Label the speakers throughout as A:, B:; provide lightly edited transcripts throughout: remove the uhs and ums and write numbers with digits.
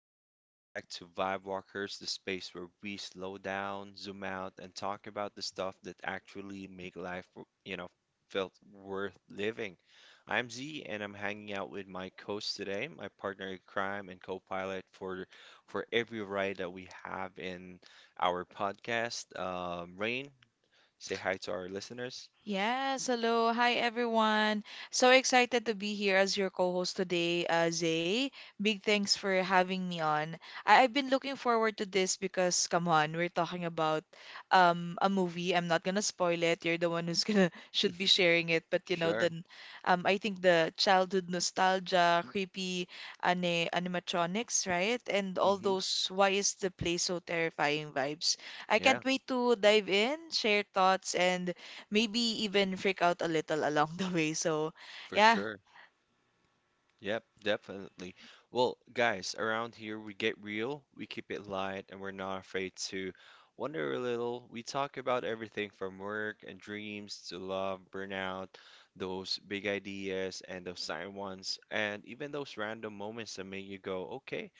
A: Welcome back to Vibe Walkers, the space where we slow down, zoom out, and talk about the stuff that actually make life, you know, felt worth living. I'm Z, and I'm hanging out with my co-host today, my partner in crime and co-pilot for every ride that we have in our podcast. Rain, say hi to our listeners.
B: Everyone, so excited to be here as your co-host today, Zay. Big thanks for having me on. I've been looking forward to this because, come on, we're talking about a movie. I'm not gonna spoil it. You're the one who's gonna should be sharing it. But you know,
A: Sure.
B: then I think the childhood nostalgia, creepy animatronics, right? And all
A: hmm
B: those why is the place so terrifying vibes. I
A: Yeah,
B: can't wait to dive in, share thoughts, and maybe even freak out a little along the way. So,
A: for
B: yeah.
A: sure. Yep, definitely. Well, guys, around here we get real, we keep it light, and we're not afraid to wonder a little. We talk about everything from work and dreams to love, burnout, those big ideas and those silent ones, and even those random moments that make you go, okay,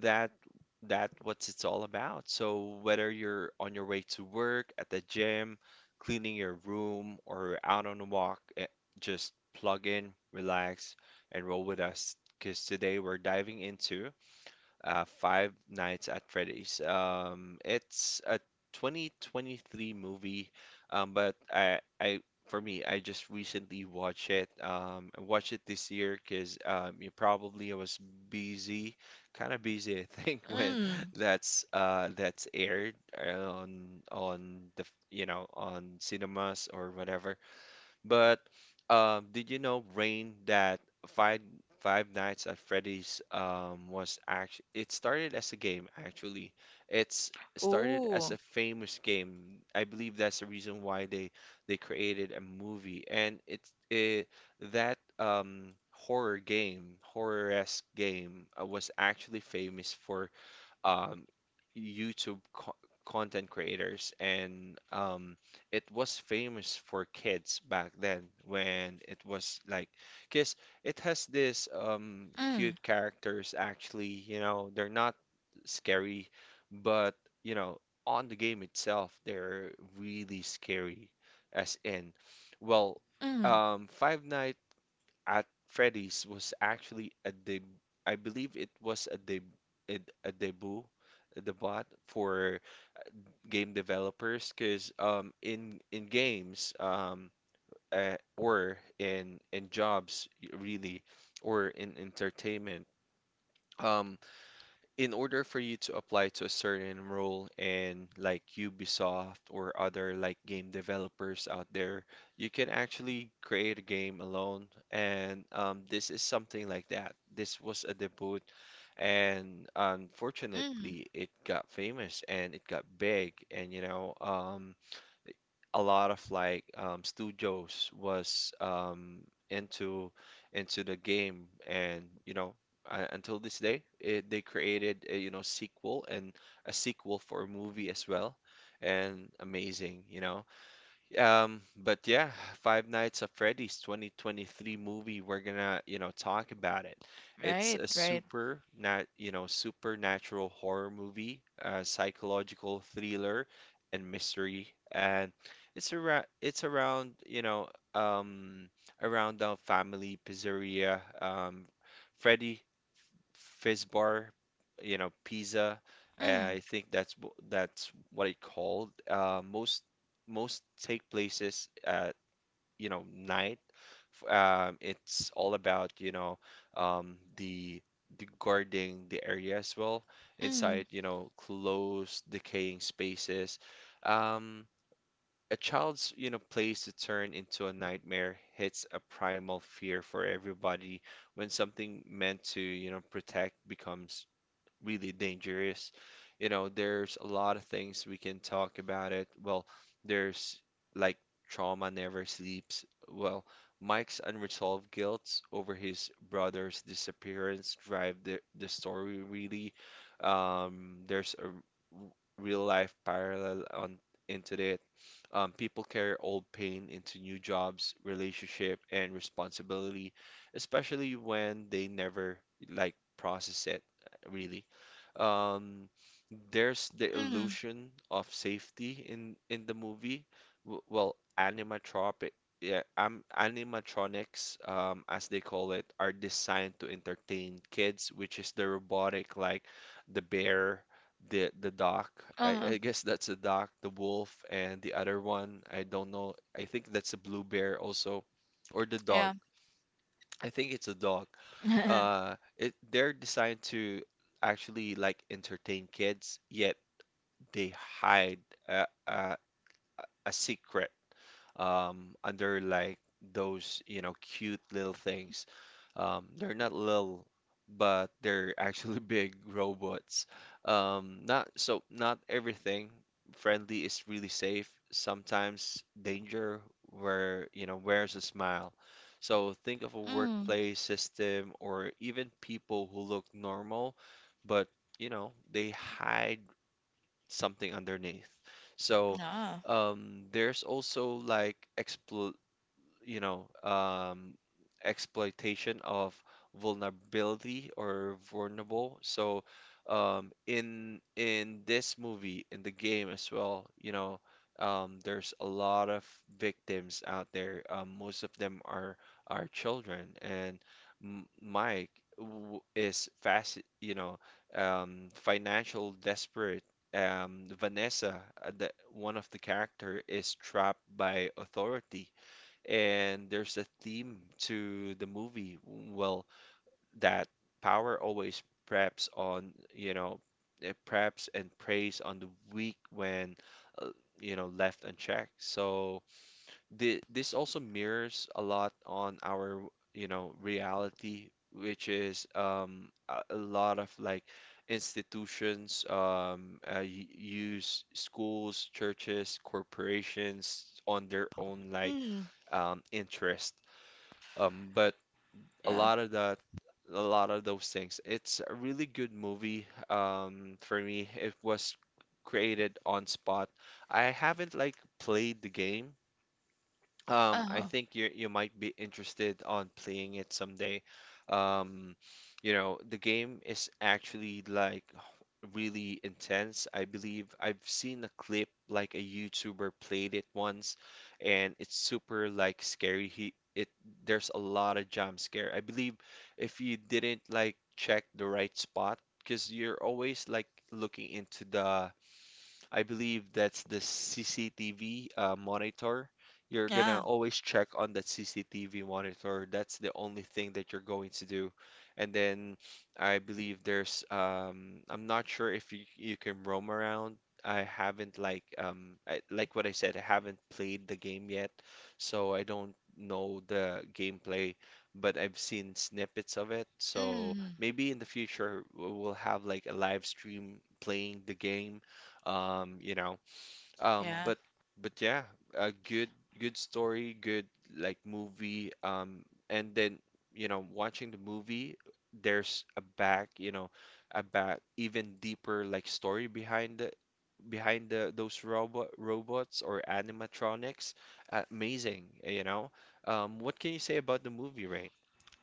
A: that that what's it's all about. So whether you're on your way to work, at the gym, cleaning your room, or out on a walk, just plug in, relax and roll with us because today we're diving into Five Nights at Freddy's. It's a 2023 movie, but I for me, I just recently watched it. I watched it this year because you probably I was busy, kind of busy, I think, when
B: Mm.
A: that's aired on the you know on cinemas or whatever. But did you know, Rain, that Five Five Nights at Freddy's was actually it started as a game actually. It's started as
B: Oh.
A: a famous game. I believe that's the reason why they created a movie, and it's it that horror game, horror-esque game, was actually famous for um, YouTube co content creators, and it was famous for kids back then when it was like, because it has this
B: Mm.
A: cute characters actually, you know, they're not scary, but you know, on the game itself, they're really scary, as in, well,
B: Mm.
A: Five Nights at Freddy's was actually a deb I believe it was a deb it, a debut for game developers because in games or in jobs really or in entertainment um in order for you to apply to a certain role in like Ubisoft or other like game developers out there, you can actually create a game alone. And this is something like that. This was a debut, and
B: Mm.
A: unfortunately, it got famous and it got big. And you know, a lot of like studios was into into the game and you know until this day it, they created a, you know sequel and a sequel for a movie as well and amazing you know but yeah, Five Nights at Freddy's 2023 movie, we're gonna, you know, talk about it. It's
B: Right,
A: a
B: right.
A: super you know, supernatural horror movie, psychological thriller and mystery. And it's around, you know, um around the family pizzeria. Freddy fizz bar, you know, pizza.
B: Mm.
A: I think that's that's what it called. Most take places at you know night. It's all about you know um, the the guarding the area as well
B: Mm.
A: inside you know closed decaying spaces. Um, a child's, you know, place to turn into a nightmare hits a primal fear for everybody when something meant to, you know, protect becomes really dangerous. You know, there's a lot of things we can talk about it. Well, there's like trauma never sleeps. Well, Mike's unresolved guilt over his brother's disappearance drive the story really. There's a real life parallel on into it. People carry old pain into new jobs, relationship, and responsibility, especially when they never like process it, really. Um, there's the
B: Mm.
A: illusion of safety in the movie. Animatropic, yeah, animatronics, as they call it, are designed to entertain kids, which is the robotic, like the bear, the dog. I,
B: Uh-huh.
A: I guess that's a dog, the wolf, and the other one. I don't know. I think that's a blue bear also, or the dog.
B: Yeah.
A: I think it's a dog. It they're designed to actually like entertain kids, yet they hide a, a, a secret under like those, you know, cute little things. They're not little, but they're actually big robots. Not not everything friendly is really safe. Sometimes danger where, you know, wears a smile. So think of a
B: Mm.
A: workplace system or even people who look normal, but you know, they hide something underneath. So
B: Yeah.
A: there's also like expl you know, exploitation of vulnerability or vulnerable. So, in this movie, in the game as well, you know, there's a lot of victims out there. Most of them are children, and M Mike w is fast, you know, financial desperate. Vanessa, the, one of the character, is trapped by authority and there's a theme to the movie. Well, that power always preps on, you know, it preps and preys on the weak when, uh, you know, left unchecked. So the, this also mirrors a lot on our, you know, reality, which is a lot of like institutions use schools, churches, corporations on their own like
B: Mm.
A: interest. But a
B: Yeah.
A: lot of that, a lot of those things. It's a really good movie for me. It was created on spot. I haven't like played the game I
B: Uh-huh.
A: think you might be interested on playing it someday. Um, you know, the game is actually like really intense. I believe I've seen a clip like a YouTuber played it once, and it's super like scary. He it there's a lot of jump scare. I believe if you didn't like check the right spot, because you're always like looking into the I believe that's the CCTV monitor. You're gonna
B: Yeah.
A: always check on that CCTV monitor. That's the only thing that you're going to do. And then I believe there's I'm not sure if you can roam around. I haven't like like what I said, I haven't played the game yet, so I don't know the gameplay, but I've seen snippets of it. So
B: Mm.
A: maybe in the future we'll have like a live stream playing the game you know um
B: Yeah.
A: but but yeah a good good story good like movie and then you know watching the movie there's a back you know a back even deeper like story behind the those robots or animatronics amazing you know what can you say about the movie right?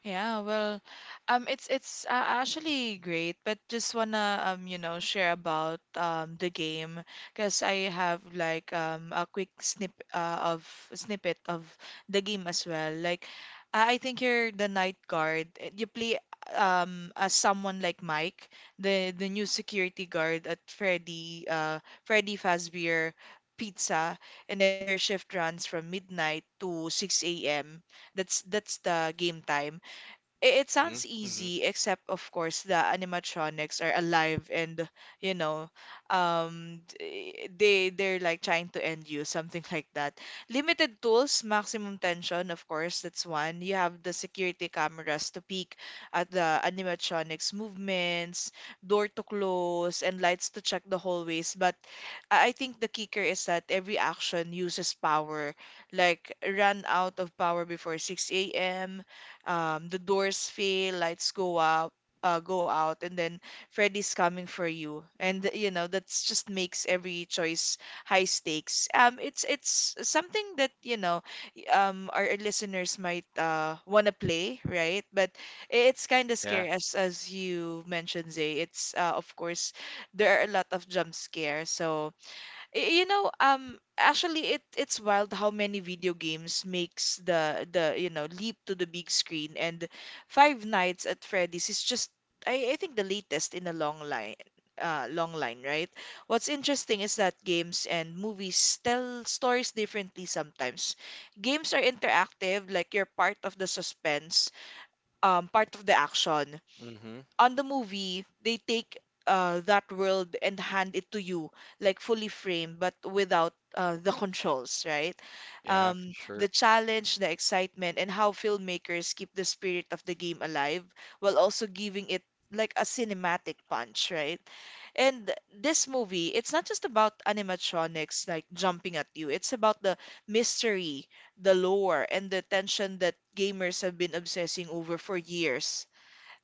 B: Yeah, well, it's actually great, but just wanna you know, share about the game because I have like a quick snippet of the game as well. Like, I think you're the night guard. You play as someone like Mike, the new security guard at Freddy Fazbear Pizza, and then your shift runs from midnight to 6 a.m. That's the game time it, it sounds
A: Mm-hmm.
B: easy except of course the animatronics are alive and you know they they're like trying to end you something like that. Limited tools, maximum tension. Of course that's one, you have the security cameras to peek at the animatronics movements, door to close and lights to check the hallways. But I think the kicker is that every action uses power. Like run out of power before 6 a.m, the doors fail, lights go up, go out, and then Freddy's coming for you. And you know that's just makes every choice high stakes. It's something that you know our listeners might wanna play, right? But it's kind of
A: Yeah.
B: scary as you mentioned, Zay. It's of course there are a lot of jump scares, so you know, actually, it it's wild how many video games makes the you know leap to the big screen, and Five Nights at Freddy's is just I think the latest in a long line, right? What's interesting is that games and movies tell stories differently sometimes. Games are interactive, like you're part of the suspense, part of the action,
A: Mm-hmm.
B: on the movie, they take that world and hand it to you, like fully framed, but without the controls, right?
A: Yeah, for
B: The
A: sure.
B: challenge, the excitement, and how filmmakers keep the spirit of the game alive while also giving it like a cinematic punch, right? And this movie, it's not just about animatronics like jumping at you, it's about the mystery, the lore, and the tension that gamers have been obsessing over for years.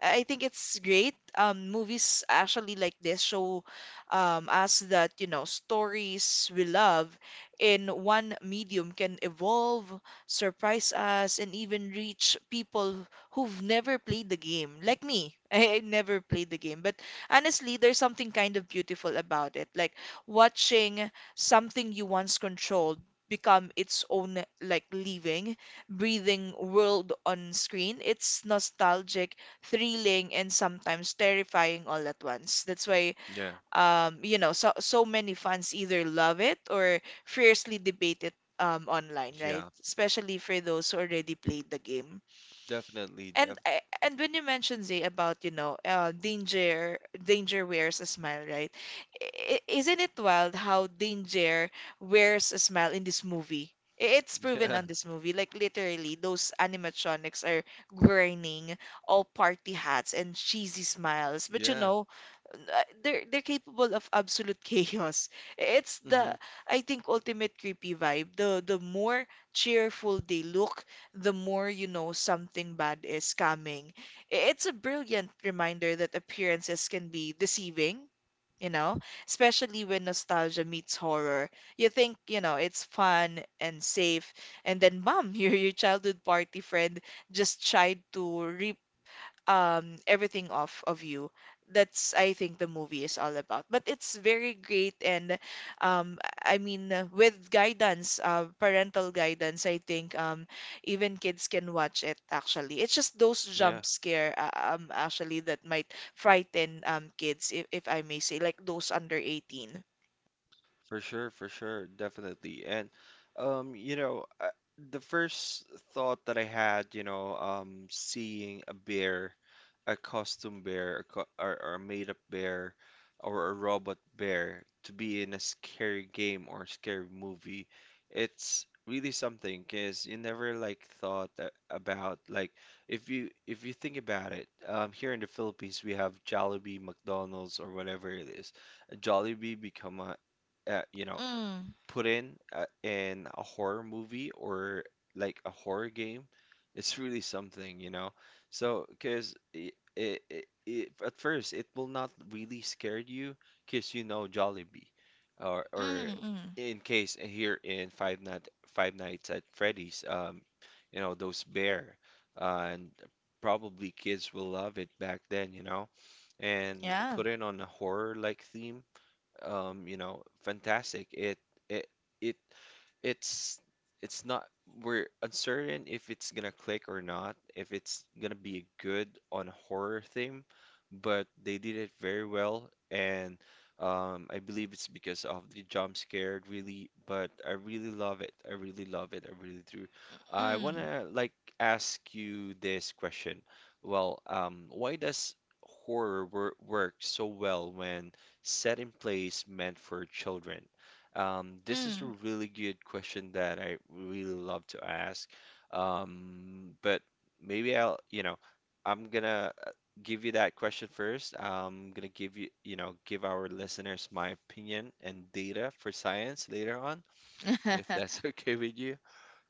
B: I think it's great. Movies actually like this show us that, you know, stories we love in one medium can evolve, surprise us, and even reach people who've never played the game, like me. I never played the game, but honestly, there's something kind of beautiful about it, like watching something you once controlled become its own like living breathing world on screen. It's nostalgic, thrilling and sometimes terrifying all at once. That's why
A: Yeah,
B: you know so so many fans either love it or fiercely debate it online, right?
A: yeah,
B: Especially for those who already played the game.
A: definitely,
B: And
A: def-
B: I- and when you mentioned Zay about you know danger wears a smile, right? Isn't it wild how danger wears a smile in this movie? It's proven
A: yeah.
B: on this movie, like literally those animatronics are grinning, all party hats and cheesy smiles, but you
A: Yeah.
B: know they're capable of absolute chaos. It's the
A: Hmm.
B: I think ultimate creepy vibe, the more cheerful they look, the more you know something bad is coming. It's a brilliant reminder that appearances can be deceiving, you know, especially when nostalgia meets horror. You think, you know, it's fun and safe, and then, bam, your childhood party friend just tried to re everything off of you. That's I think the movie is all about. But it's very great and um I mean with guidance, parental guidance, I think even kids can watch it actually. It's just those
A: Yeah.
B: jump scare actually that might frighten kids if I may say, like those under 18.
A: For sure, definitely. And you know, the first thought that I had, you know, seeing a bear, a costume bear, a co or a made-up bear, or a robot bear to be in a scary game or scary movie, it's really something because you never like about like if you think about it, here in the Philippines we have Jollibee, McDonald's, or whatever it is. Jollibee become a you know,
B: Mm,
A: put in a horror movie or like a horror game, it's really something, you know. So, because it at first it will not really scare you, because you know Jollibee, or
B: mm, mm.
A: in case here in Five Nights at Freddy's, you know those bear, and probably kids will love it back then, you know, and
B: Yeah.
A: put in on a horror like theme you know, fantastic. It it it's it's not we're uncertain if it's gonna click or not, if it's gonna be good on a horror theme, but they did it very well, and I believe it's because of the jump scare, really. But I really love it. I really love it. I really do. I
B: Mm,
A: wanna like ask you this question. Well, why does horror work so well when set in place meant for children? This is a
B: mm.
A: really good question that I really love to ask. But maybe I'll, you know, I'm gonna give you that question first. I'm gonna give you, you know, give our listeners my opinion and data for science later on, if that's okay with you.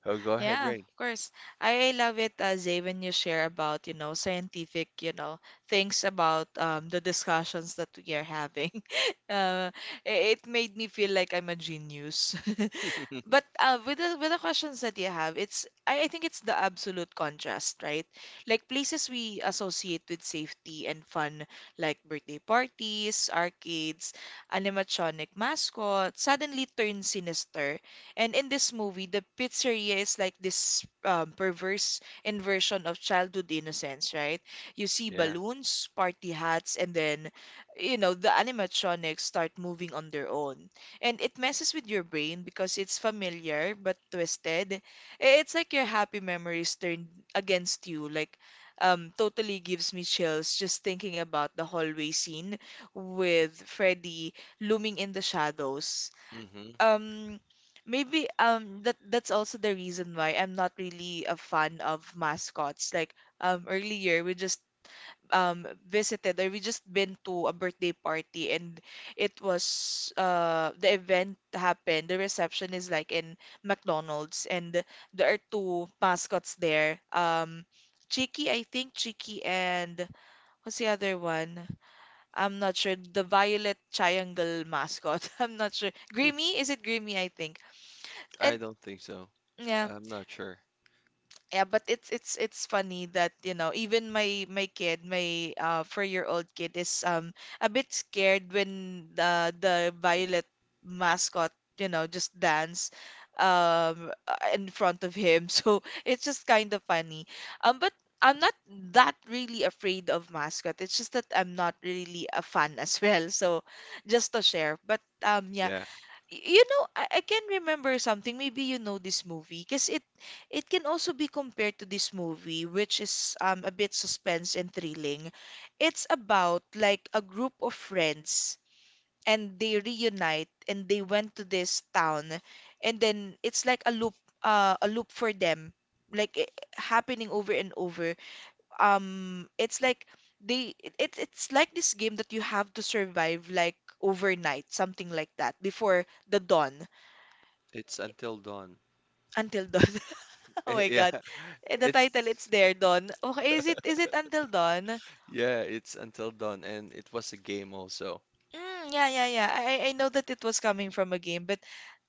A: Oh, go ahead,
B: Yeah, of
A: Rain.
B: course. I love it, Zay, when you share about, you know, scientific, you know, things about the discussions that we are having. Uh, it made me feel like I'm a genius. But with the questions that you have, it's I think it's the absolute contrast, right? Like places we associate with safety and fun, like birthday parties, arcades, animatronic mascots, suddenly turn sinister. And in this movie, the pizzeria is like this perverse inversion of childhood innocence, right? You see
A: Yeah.
B: balloons, party hats, and then you know the animatronics start moving on their own and it messes with your brain because it's familiar but twisted. It's like your happy memories turned against you. Like, totally gives me chills just thinking about the hallway scene with Freddy looming in the shadows.
A: Hmm.
B: Um, maybe that that's also the reason why I'm not really a fan of mascots. Like, earlier we just visited, or we just been to a birthday party, and it was the event happened, the reception is like in McDonald's, and there are two mascots there, Cheeky, I think, Cheeky, and what's the other one, I'm not sure, the violet triangle mascot. I'm not sure, Grimmy, is it Grimmy, I think. And
A: I don't think so.
B: yeah,
A: I'm not sure.
B: yeah, but it's it's funny that you know even my kid, my four-year-old kid is a bit scared when the Violet mascot you know just dance in front of him. So it's just kind of funny. But I'm not that really afraid of mascot. It's just that I'm not really a fan as well. So just to share, but yeah,
A: Yeah.
B: You know, I can remember something. Maybe you know this movie, because it can also be compared to this movie, which is a bit suspense and thrilling. It's about like a group of friends, and they reunite and they went to this town, and then it's like a loop, a loop for them, like happening over and over. It's like it's like this game that you have to survive like overnight, something like that, before the dawn.
A: It's Until Dawn.
B: Until Dawn. Oh my
A: Yeah,
B: God. The title, it's
A: it's
B: there, Dawn. Okay, is it Until Dawn?
A: yeah, it's Until Dawn, and it was a game also.
B: Mm, yeah, yeah, yeah. I I know that it was coming from a game, but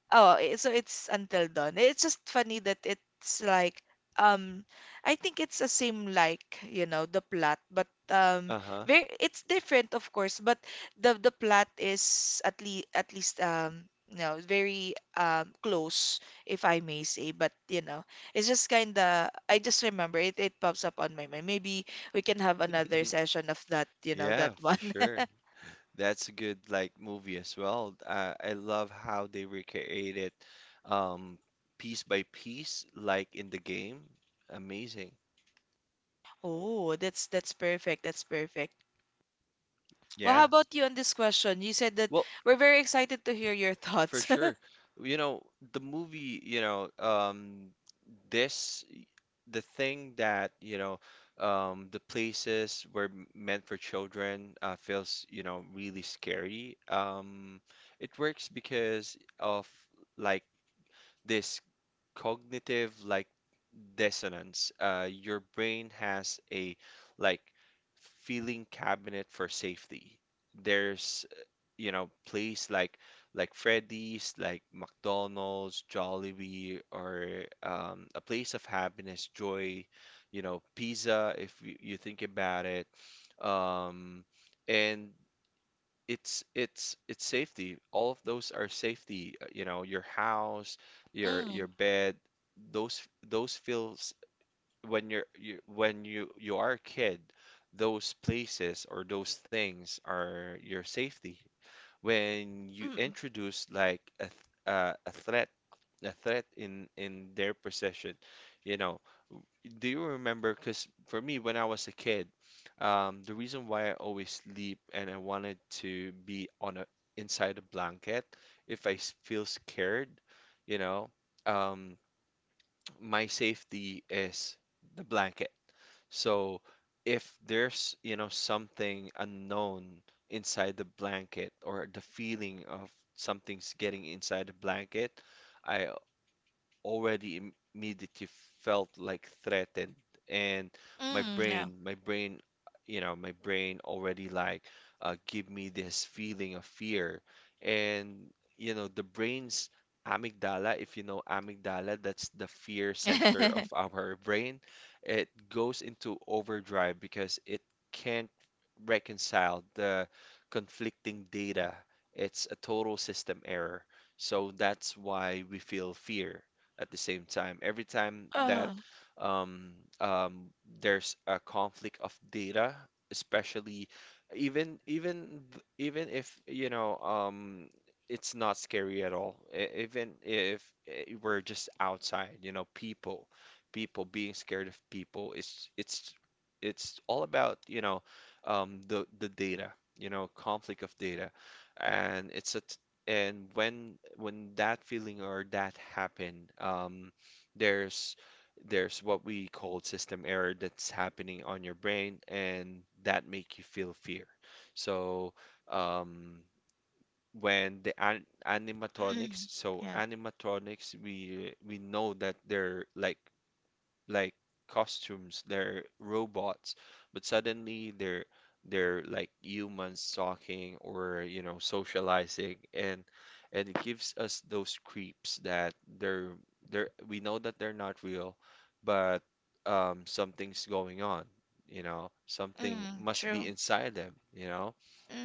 B: oh, so it's until dawn. It's just funny that it's like um I think it's the same like, you know, the plot, but
A: Uh-huh.
B: very it's different of course, but the plot is at least, at least you know, very close if I may say, but you know, it's just kind of, I just remember it, it pops up on my mind. Maybe we can have another session of that, you know, that
A: Yeah, for
B: one.
A: sure. That's a good like movie as well. I love how they recreate it um piece by piece like in the game. Amazing.
B: Oh, that's perfect. That's perfect. Well, how
A: Yeah.
B: about you on this question? You said that
A: Well,
B: we're very excited to hear your
A: for
B: thoughts.
A: sure. You know, the movie, this the thing that you know the places were meant for children feels really scary it works because of like this cognitive dissonance. Your brain has a like feeling cabinet for safety. There's Place like Freddy's, like McDonald's, Jollibee, or a place of happiness, joy, pizza, if you think about it. Um, and it's safety. All of those are safety. You know, your house, your
B: Mm.
A: your bed, those feels when when you are a kid, those places or those things are your safety. When you
B: mm,
A: introduce a, a threat, a threat in their possession, you know w- do you remember? Because for me when I was a kid, the reason why I always sleep and I wanted to be on a inside a blanket if i feel scared, you know um, my safety is the blanket. So if there's, something unknown inside the blanket, or the feeling of something's getting inside the blanket, I immediately felt threatened, and my
B: Mm. Yeah.
A: brain my brain my brain already give me this feeling of fear. And the brain's amygdala, if you know amygdala, that's the fear center of our brain. It goes into overdrive because it can't reconcile the conflicting data. It's a total system error. So that's why we feel fear at the same time. Every time that
B: uh,
A: um, um, there's a conflict of data, especially even if it's not scary at all. Even if we're just outside, people, people being scared of people, it's all about the data, conflict of data, and it's a and when that feeling or that happen, there's there's what we call system error that's happening on your brain, and that make you feel fear. So um when the an
B: Mm.
A: animatronics, so
B: Yeah.
A: animatronics, we know that they're like costumes, they're robots, but suddenly they're like humans talking or socializing, and it gives us those creeps that they're they're we know that they're not real, but something's going on, you know, something
B: Mm.
A: must be
B: True.
A: inside them, you know.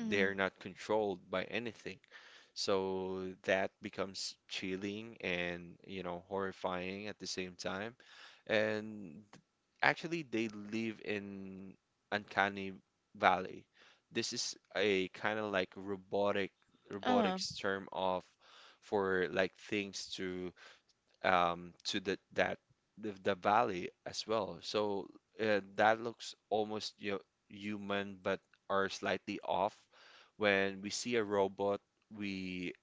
A: They're not controlled by anything. So that becomes chilling and, you know, horrifying at the same time. And actually they live in Uncanny Valley. This is a kind of like
B: uh.
A: robotics term of for like things to um to the that the valley as well. So that looks almost, you know, human but are slightly off. When we see a robot, we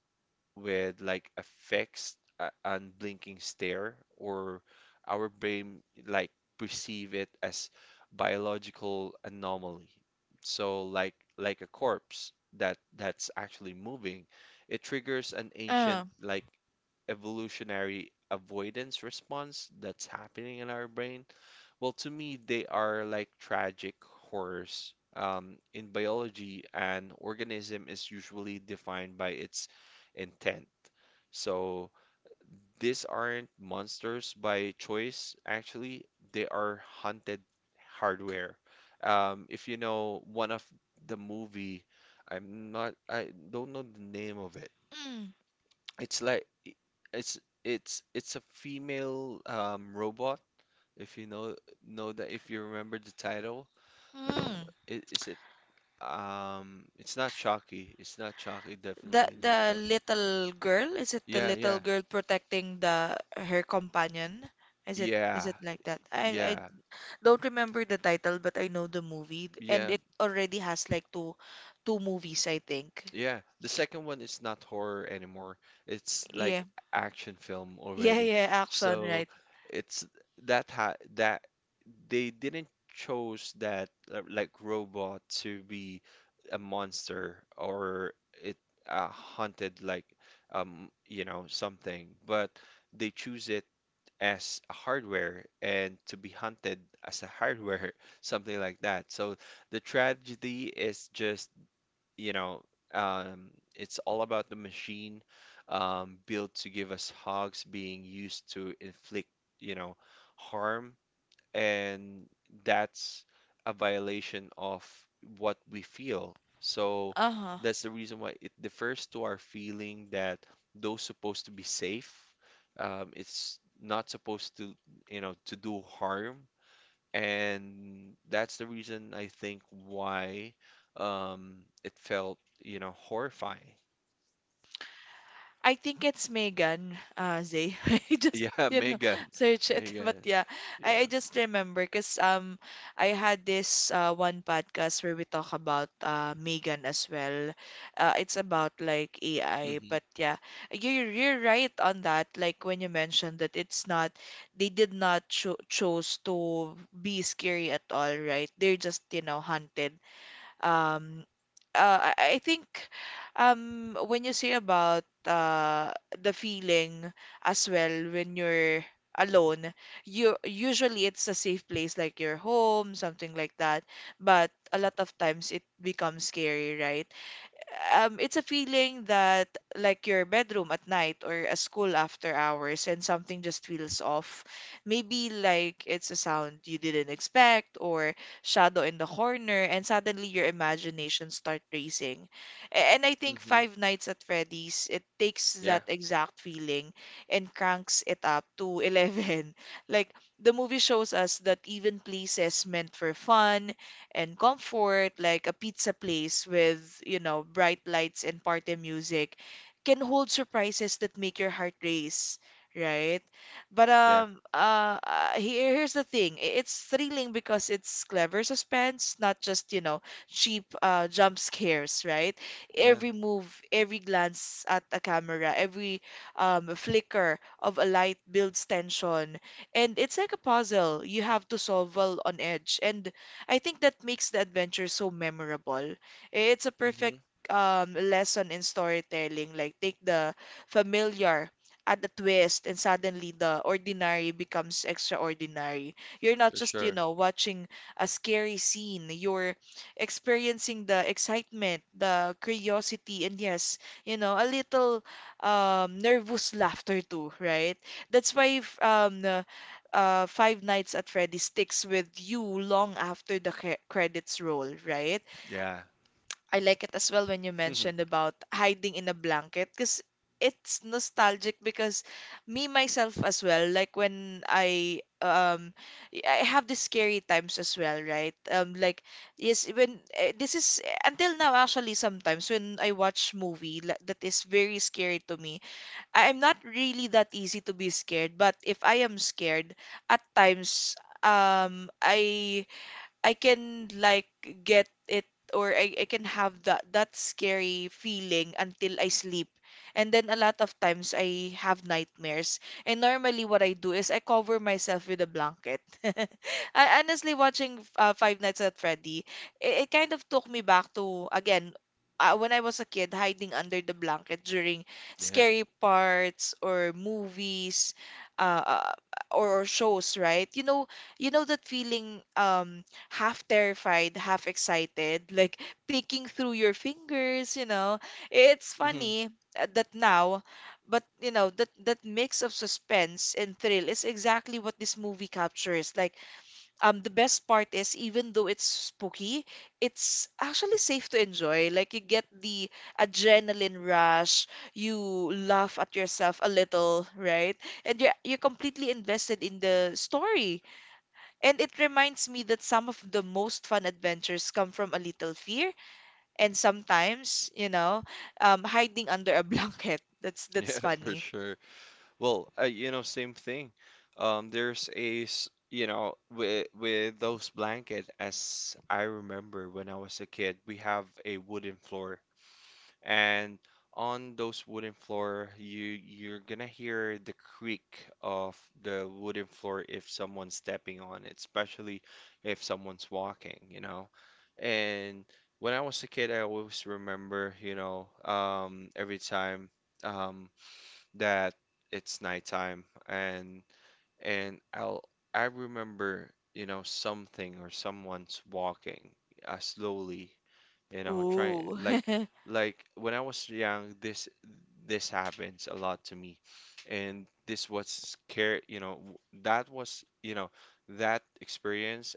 A: with like a fixed, unblinking stare, or our brain like perceive it as biological anomaly. So like a corpse that that's actually moving, it triggers an
B: Uh.
A: ancient evolutionary avoidance response that's happening in our brain. Well, to me, they are like tragic horrors. In biology, an organism is usually defined by its intent. So these aren't monsters by choice, actually, they are hunted hardware. If you know one of the movie, I'm not, I don't know the name of it.
B: Mm.
A: It's it's it's a female robot. If you know that, if you remember the title, I don't.
B: Mm.
A: Is it? It's not Chucky. It's not Chucky. Definitely not
B: The
A: Chucky.
B: little girl, is it the
A: Yeah,
B: little
A: yeah,
B: girl protecting the her companion? Is
A: yeah,
B: it like that? I
A: yeah,
B: don't remember the title, but I know the movie, and
A: yeah,
B: it already has like two two movies, I think.
A: yeah. The second one is not horror anymore. It's
B: Yeah.
A: like action film
B: Yeah,
A: already.
B: yeah, action,
A: So
B: right.
A: it's that ha that they didn't chose that like robot to be a monster, or it hunted like something, but they choose it as a hardware and to be hunted as a hardware, something like that. So the tragedy is just, you know it's all about the machine built to give us hugs being used to inflict, you know, harm, and that's a violation of what we feel. So
B: Uh-huh.
A: that's the reason why it differs to our feeling that those supposed to be safe. It's not supposed to, you know, to do harm. And that's the reason I think why, um, it felt, you know, horrifying.
B: I think it's Megan, Zay.
A: Yeah,
B: You know,
A: Megan.
B: search it. But
A: Megan.
B: yeah,
A: Yeah.
B: I just remember because I had this one podcast where we talk about Megan as well. It's about like AI.
A: Mm-hmm.
B: But yeah, you're right on that. Like when you mentioned that it's not, they did not chose to be scary at all, right? They're just, you know, hunted. Um, I think when you say about the feeling as well when you're alone, you usually it's a safe place like your home, something like that. But a lot of times it becomes scary, right? It's a feeling that like your bedroom at night or a school after hours and something just feels off. Maybe like it's a sound you didn't expect or shadow in the corner, and suddenly your imagination start racing. And I think
A: Mm-hmm.
B: Five Nights at Freddy's, it takes
A: Yeah.
B: that exact feeling and cranks it up to 11. Like the movie shows us that even places meant for fun and comfort, like a pizza place with, you know, bright lights and party music, can hold surprises that make your heart race, right? But
A: Yeah.
B: um, uh, uh, here, here's the thing. It's thrilling because it's clever suspense, not just, you know, cheap jump scares, right?
A: Yeah.
B: Every move, every glance at a camera, every flicker of a light builds tension. And it's like a puzzle you have to solve while on edge. And I think that makes the adventure so memorable. It's a
A: Mm-hmm.
B: perfect lesson in storytelling. Like take the familiar, add the twist, and suddenly the ordinary becomes extraordinary. You're not
A: For
B: just, you
A: sure.
B: know, watching a scary scene. You're experiencing the excitement, the curiosity, and yes, you know, a little nervous laughter too, right? That's why if, Five Nights at Freddy sticks with you long after the credits roll, right?
A: Yeah.
B: I like it as well when you
A: Mhm.
B: mentioned about hiding in a blanket because it's nostalgic because me myself as well, like when I I have the scary times as well, right? Like, yes, when this is until now, actually, sometimes when I watch that is very scary to me, I am not really that easy to be scared, but if I am scared, at times um I I can like get it, or I can have that scary feeling until I sleep. And then a lot of times I have nightmares. And normally what I do is I cover myself with a blanket. I honestly watching Five Nights at Freddy, it kind of took me back to again when I was a kid hiding under the blanket during
A: Yeah.
B: scary parts or movies, uh, uh, or shows, right? You know that feeling, half terrified, half excited, like picking through your fingers, you know. It's
A: Hmm.
B: funny that now, but you know, that mix of suspense and thrill is exactly what this movie captures. Like, the best part is even though it's spooky, it's actually safe to enjoy. Like, you get the adrenaline rush, you laugh at yourself a little, right? And you're completely invested in the story. And it reminds me that some of the most fun adventures come from a little fear and sometimes, you know, hiding under a blanket. That's
A: Yeah, for
B: funny.
A: sure. Well, you know, same thing. There's you know, with those blanket, as I remember when I was a kid, we have a wooden floor, and on those wooden floor, you you're gonna hear the creak of the wooden floor if someone's stepping on it, especially if someone's walking, you know. And when I was a kid I always remember, every time um that it's nighttime, and I'll I remember, you know, something or someone's walking slowly, you know, trying
B: Ooh.
A: like like when I was young, this happens a lot to me, and this was scare, you know, that was, you know, that experience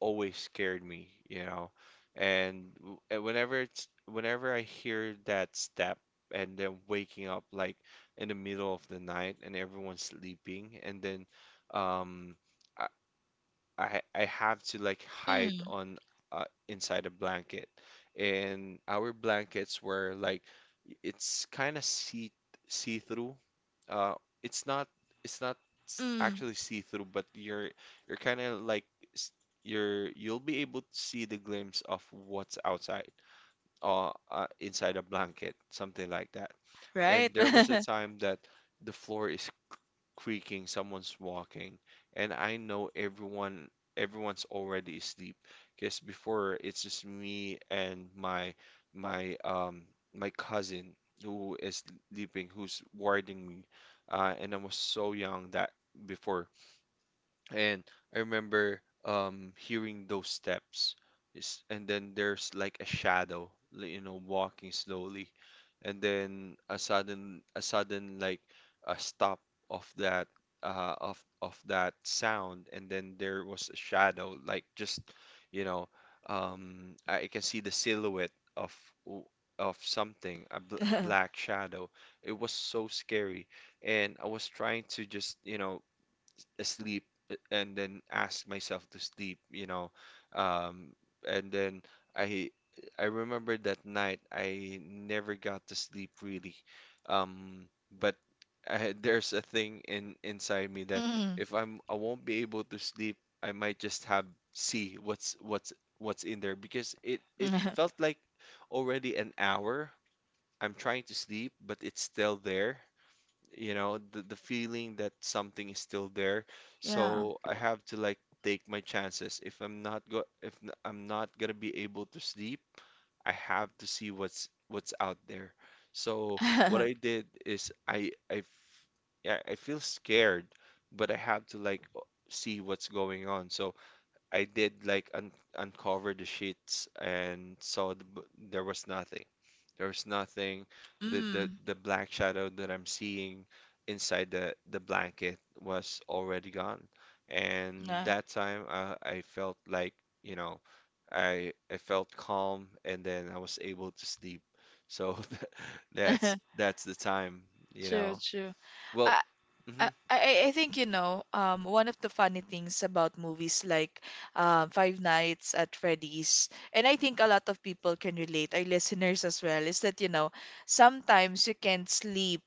A: always scared me, you know. And whenever I hear that step and then waking up like in the middle of the night and everyone's sleeping, and then um I have to like hide
B: Mm,
A: on inside a blanket. And our blankets were like it's kind of see through. Uh, it's not it's not
B: mm,
A: actually see through, but you're kind of like s- you're you'll be able to see the glimpse of what's outside or, inside a blanket, something like that. And
B: right?
A: there was a time that the floor is creaking, someone's walking, and I know everyone's already asleep. Because before it's just me and my um my cousin who is sleeping, who's warding me, and I was so young that before. And I remember hearing those steps. It's, and then there's like a shadow, you know, walking slowly. And then a sudden like a stop of that of that sound, and then there was a shadow like just, you know, I can see the silhouette of w- of something, a bl black shadow. It was so scary, and I was trying to just, you know, asleep and then ask myself to sleep, you know. Um, and then I I remember that night I never got to sleep really. Um, but I, there's a thing in inside me that
B: Mm,
A: if I won't be able to sleep, I might just have see what's in there, because it felt like already an hour. I'm trying to sleep, but it's still there. You know, the feeling that something is still there.
B: yeah.
A: So I have to like take my chances. If I'm not go if n- I'm not gonna be able to sleep, I have to see what's out there. So what I did is yeah, I feel scared, but I have to like see what's going on. So I did like un uncover the sheets and saw the, there was nothing. There was nothing. The
B: Mm,
A: the black shadow that I'm seeing inside the blanket was already gone. And
B: yeah.
A: that time I felt like, you know, I felt calm, and then I was able to sleep. So that's the time, you
B: True,
A: know.
B: true.
A: Well,
B: I, I,
A: mhm,
B: I I think, you know, one of the funny things about movies like Five Nights at Freddy's, and I think a lot of people can relate, our listeners as well, is that, you know, sometimes you can't sleep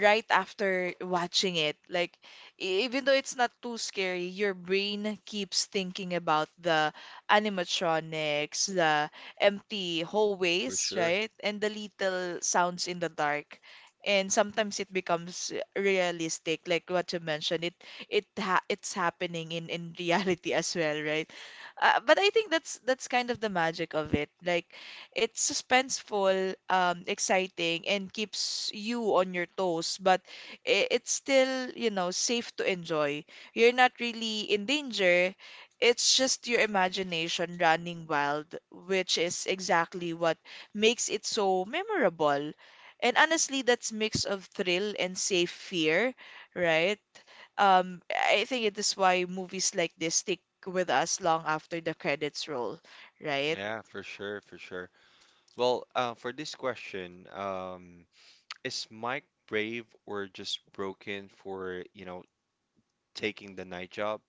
B: right after watching it. Like, even though it's not too scary, your brain keeps thinking about the animatronics, the empty
A: for
B: hallways,
A: sure.
B: right, and the little sounds in the dark. And sometimes it becomes realistic, like what you mentioned. It's happening in reality as well, right? But I think that's kind of the magic of it. Like, it's suspenseful, exciting, and keeps you on your toes. But it's still, you know, safe to enjoy. You're not really in danger. It's just your imagination running wild, which is exactly what makes it so memorable. And honestly, that's mix of thrill and safe fear, right? I think it is why movies like this stick with us long after the credits roll, right?
A: Yeah, for sure, for sure. Well, for this question, is Mike brave or just broken for, you know, taking the night job?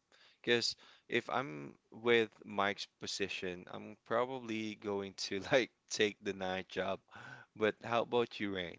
A: Because if I'm with Mike's position, I'm probably going to like take the night job. But how about you, Rain?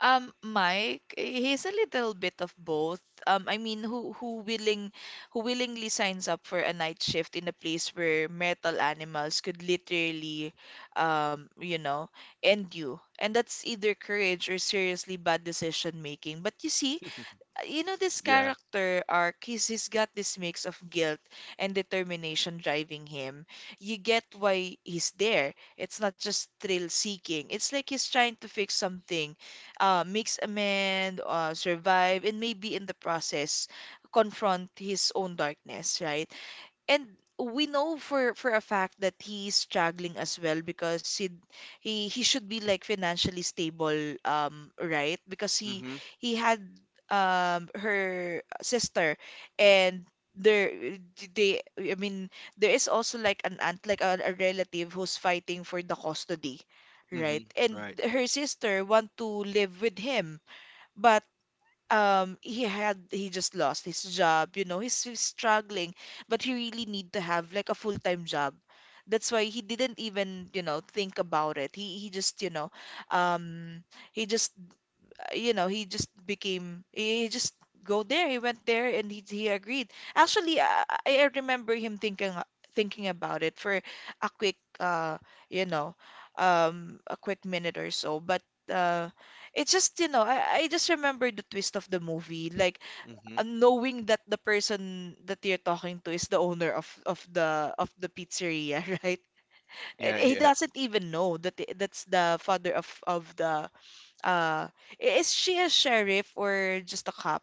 B: Mike, he's a little bit of both. I mean, who willingly signs up for a night shift in a place where metal animals could literally, you know, end you? And that's either courage or seriously bad decision making. But you see, you know, this
A: Yeah.
B: character arc, he's got this mix of guilt and determination driving him. You get why he's there. It's not just thrill seeking. It's like he's trying to fix something, makes amend, survive, and maybe in the process confront his own darkness, right? And we know for a fact that he's struggling as well, because he should be like financially stable, right, because
A: Mm-hmm.
B: he had her sister, and there they, I mean, there is also like an aunt, like a relative who's fighting for the custody,
A: Mm-hmm.
B: right? And
A: Right.
B: her sister want to live with him. But he had, he just lost his job. You know, he's struggling, but he really need to have like a full-time job. That's why he didn't even, you know, think about it. He just, you know, um he just, you know, he just became, he just go there. He went there and he agreed. Actually, I remember him thinking about it for a quick, you know, a quick minute or so. But uh, it's just, you know, I just remember the twist of the movie, like
A: Mm-hmm.
B: knowing that the person that you're talking to is the owner of of the pizzeria, right? And
A: Yeah,
B: he
A: yeah.
B: doesn't even know that that's the father of the uh, is she a sheriff or just a cop?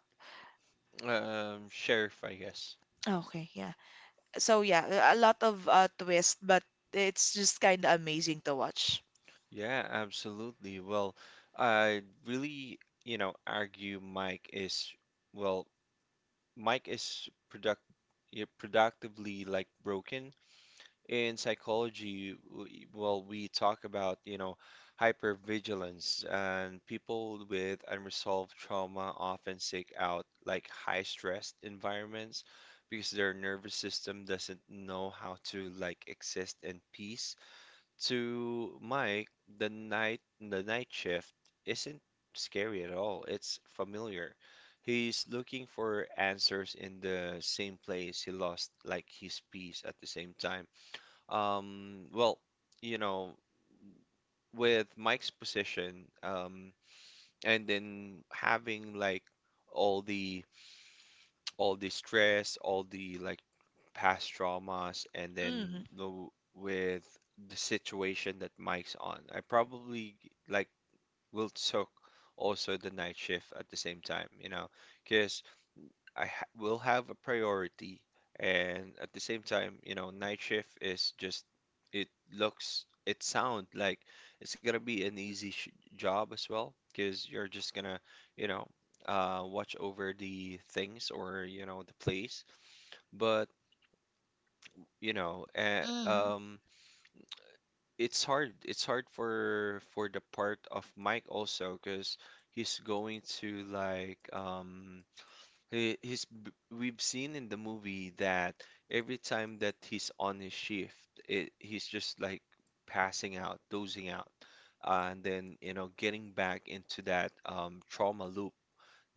A: Sheriff, I guess.
B: Okay, yeah. So yeah, a lot of twist, but it's just kind of amazing to watch.
A: Yeah, absolutely. Well, I really, you know, argue Mike is, well, Mike is productively like broken. In psychology, well, we talk about, you know, hypervigilance, and people with unresolved trauma often seek out like high stressed environments because their nervous system doesn't know how to like exist in peace. To Mike, the night shift isn't scary at all. It's familiar. He's looking for answers in the same place he lost like his peace at the same time. Well, you know, with Mike's position, and then having like all the all the stress, all the like past traumas, and then
B: Mm,
A: the with the situation that Mike's on. I probably like will took also the night shift at the same time, you know, because I ha will have a priority. And at the same time, you know, night shift is just it looks it sound like it's gonna be an easy sh job as well, because you're just gonna, you know, watch over the things, or you know the place. But you know uh,
B: mm.
A: um it's hard for the part of Mike also because he's going to like we've seen in the movie that every time that he's on his shift he's just like passing out, dozing out, and then getting back into that trauma loop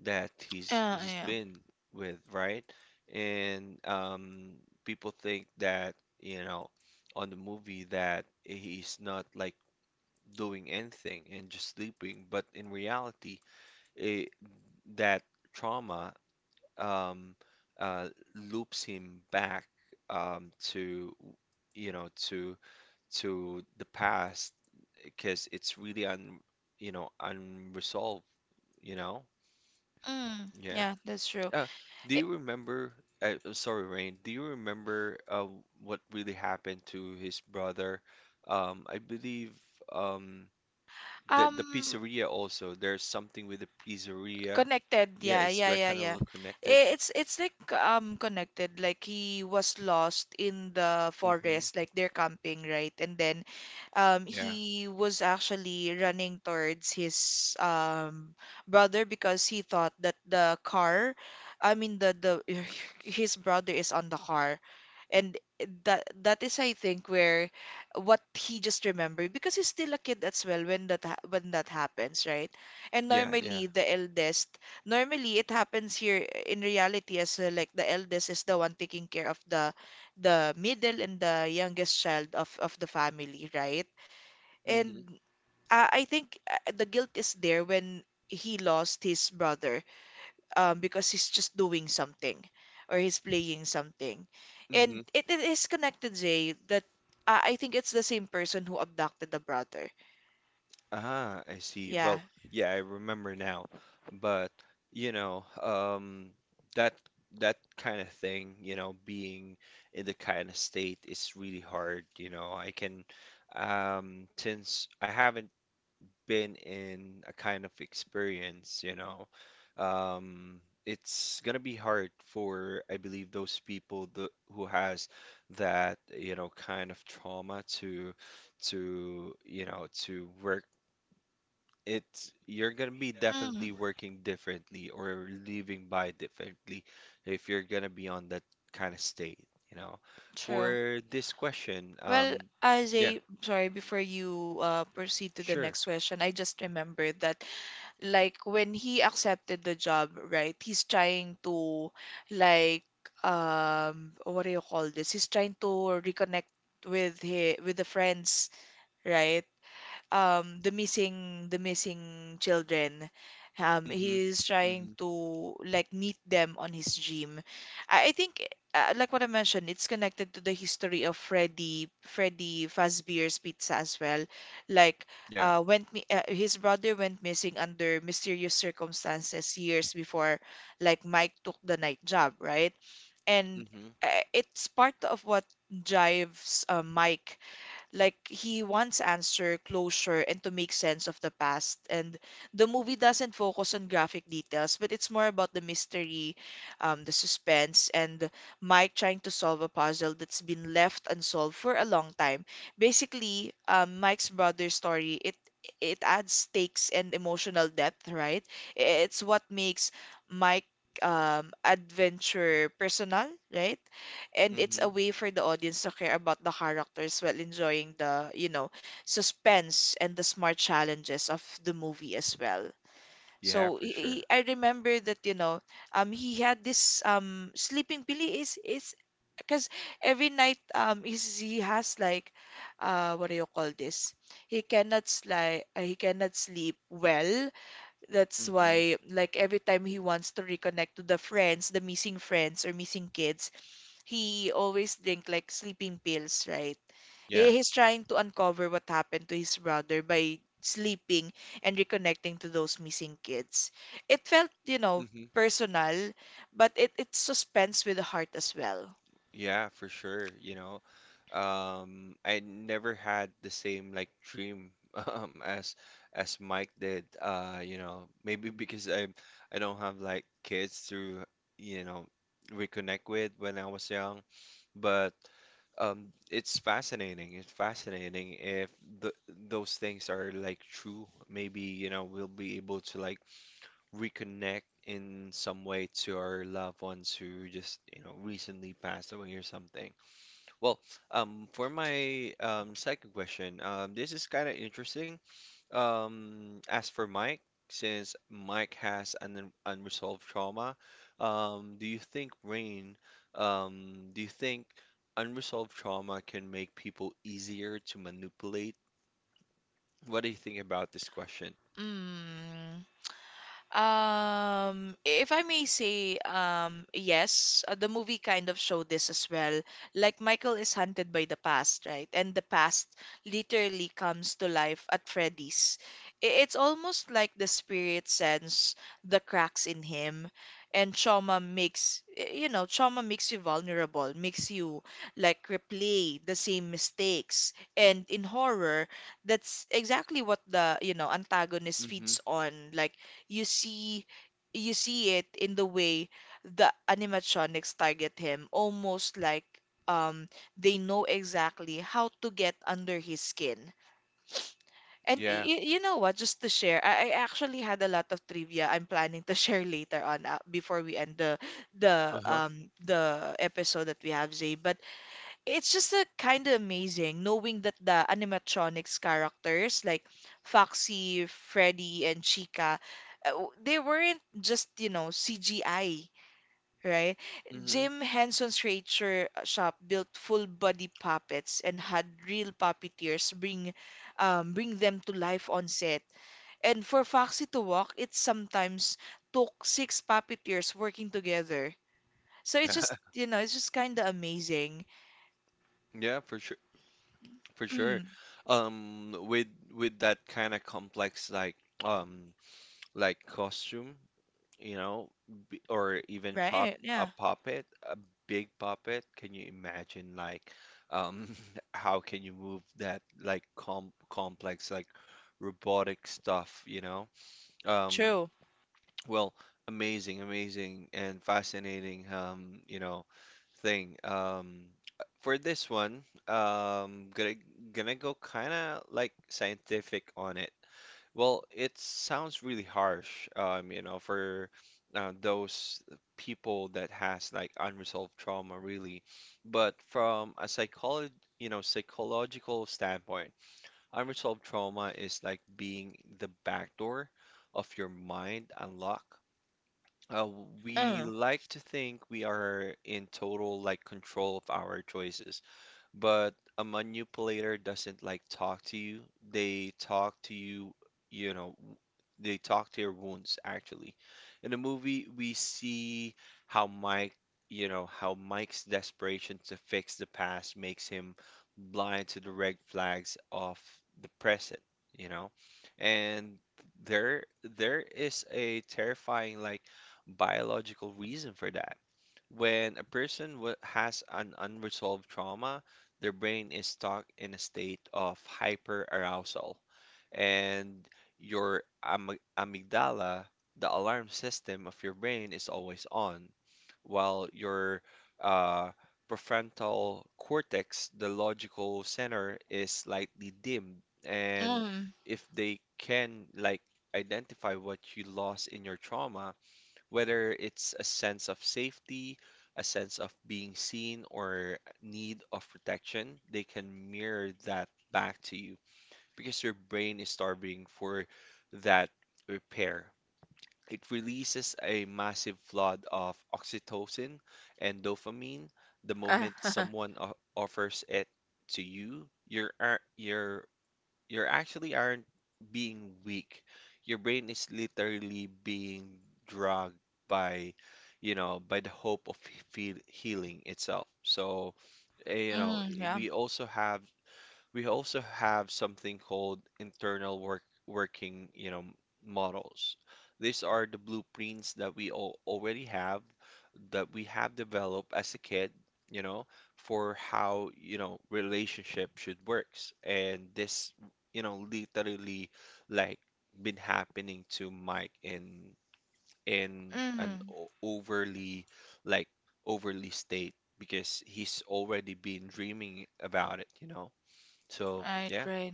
A: that he's
B: Yeah,
A: he's
B: yeah.
A: been with, right? And people think that, you know, on the movie, that he's not like doing anything and just sleeping, but in reality, it, that trauma um, uh, loops him back to, to the past because it's really unresolved, you know?
B: Mm,
A: Yeah.
B: yeah, that's true.
A: Uh, do
B: I-
A: you remember? Sorry, Rain. Do you remember what really happened to his brother? I believe um, the
B: Um,
A: pizzeria also. There's something with the pizzeria.
B: connected.
A: Yeah,
B: Yeah,
A: it's
B: yeah,
A: like
B: yeah,
A: kind
B: yeah.
A: of connected.
B: It's like connected. Like he was lost in the
A: Mm-hmm.
B: forest, like they're camping, right? And then
A: Yeah.
B: he was actually running towards his brother because he thought that the car, I mean the his brother is on the car. And that that is I think where what he just remembered, because he's still a kid as well when that when that happens, right? And
A: Yeah. Yeah.
B: normally the eldest, normally it happens here in reality as well, like the eldest is the one taking care of the middle and the youngest child of the family, right?
A: Mm-hmm.
B: And I think the guilt is there when he lost his brother, because he's just doing something or he's playing something. And
A: Mm-hmm.
B: it is connected, Jay, that I think it's the same person who abducted the brother.
A: Ah, I see.
B: Yeah.
A: Well, yeah, I remember now. But, you know, um, that that kind of thing, you know, being in the kind of state is really hard, you know. Since I haven't been in a kind of experience, it's gonna be hard for, I believe, those people th who has that, kind of trauma to work it's You're gonna be
B: Mm,
A: definitely working differently or living by differently if you're gonna be on that kind of state, you know.
B: true.
A: For this question,
B: Well, as
A: yeah,
B: a sorry, before you proceed to the
A: sure.
B: next question, I just remembered that like when he accepted the job, right? He's trying to like what do you call this? He's trying to reconnect with his, with the friends, right? The missing children.
A: Mm-hmm.
B: He's trying
A: Mm-hmm.
B: to like meet them on his dream. I think like what I mentioned, it's connected to the history of Freddy Fazbear's Pizza as well. Like
A: Yeah.
B: went mi his brother went missing under mysterious circumstances years before like Mike took the night job, right? And
A: Mm-hmm.
B: it's part of what drives Mike. Like, he wants answer, closure, and to make sense of the past. And the movie doesn't focus on graphic details, but it's more about the mystery, the suspense, and Mike trying to solve a puzzle that's been left unsolved for a long time. Basically, Mike's brother's story, it adds stakes and emotional depth, right? It's what makes Mike adventure personal, right? And it's
A: Mm-hmm.
B: a way for the audience to care about the characters while enjoying the, you know, suspense and the smart challenges of the movie as well.
A: Yeah,
B: So
A: for sure.
B: I remember that, you know, he had this sleeping pilly is because every night he has like what do you call this, he cannot like he cannot sleep well. That's
A: Mm-hmm.
B: why like every time he wants to reconnect to the friends, the missing friends or missing kids, he always drink like sleeping pills, right?
A: Yeah.
B: He's trying to uncover what happened to his brother by sleeping and reconnecting to those missing kids. It felt, you know,
A: Mm-hmm.
B: personal, but it's suspense with the heart as well.
A: Yeah, for sure. I never had the same like dream as Mike did. Maybe because I don't have like kids to you know reconnect with when I was young, but it's fascinating. It's fascinating if th those things are like true. Maybe we'll be able to like reconnect in some way to our loved ones who just, recently passed away or something. Well, for my second question. This is kind of interesting. As for Mike, since Mike has an unresolved trauma, do you think, Rain, do you think unresolved trauma can make people easier to manipulate? What do you think about this question?
B: Mm. If I may say, yes, the movie kind of showed this as well. Like Michael is hunted by the past, right? And the past literally comes to life at Freddy's. It's almost like the spirit sends the cracks in him, and trauma makes, you know, trauma makes you vulnerable, makes you like replay the same mistakes. And in horror, that's exactly what the, you know, antagonist
A: Mm-hmm.
B: feeds on. Like, you see, you see it in the way the animatronics target him, almost like um they know exactly how to get under his skin. And
A: Yeah.
B: y you know what, just to share, I actually had a lot of trivia I'm planning to share later on before we end the the
A: Uh-huh.
B: um the episode that we have, Zay. But it's just a kind of amazing knowing that the animatronics characters like Foxy, Freddy, and Chica, they weren't just, CGI, right?
A: Hmm.
B: Jim Henson's Creature Shop built full body puppets and had real puppeteers bring bring them to life on set. And for Foxy to walk, it sometimes took six puppeteers working together. So it's
A: Yeah,
B: just, it's just kind of amazing.
A: yeah, for sure, for sure.
B: Mm,
A: With that kind of complex um like costume, you know, b or even pop
B: right?
A: a
B: Yeah.
A: puppet, a big puppet. Can you imagine like um how can you move that like complex like robotic stuff, you know? Um,
B: True.
A: Well, amazing, amazing, and fascinating, thing. For this one, gonna go kind of like scientific on it. Well, it sounds really harsh, for those people that has like unresolved trauma, really. But from a psychological standpoint, unresolved trauma is like being the back door of your mind unlock. uh, we
B: Mm,
A: like to think we are in total like control of our choices. But a manipulator doesn't like talk to you. They talk to you, you know, w- they talk to your wounds, actually. In the movie, we see how Mike's desperation to fix the past makes him blind to the red flags of the present, you know. And there is a terrifying like biological reason for that. When a person has an unresolved trauma, their brain is stuck in a state of hyperarousal, and your am amygdala, the alarm system of your brain, is always on, while your uh, prefrontal cortex, the logical center, is slightly dimmed. And
B: mm.
A: if they can like identify what you lost in your trauma, whether it's a sense of safety, a sense of being seen, or need of protection, they can mirror that back to you because your brain is starving for that repair. It releases a massive flood of oxytocin and dopamine the
B: Uh,
A: moment someone offers it to you. Your ar- your you actually aren't being weak. Your brain is literally being dragged by, by the hope of healing itself. So,
B: yeah.
A: we also have something called internal working, models. These are the blueprints that we all already have, that we have developed as a kid, you know, for how, relationship should works. And literally like been happening to Mike in an
B: Mm.
A: overly like state because he's already been dreaming about it, you know. So
B: Right,
A: yeah,
B: right.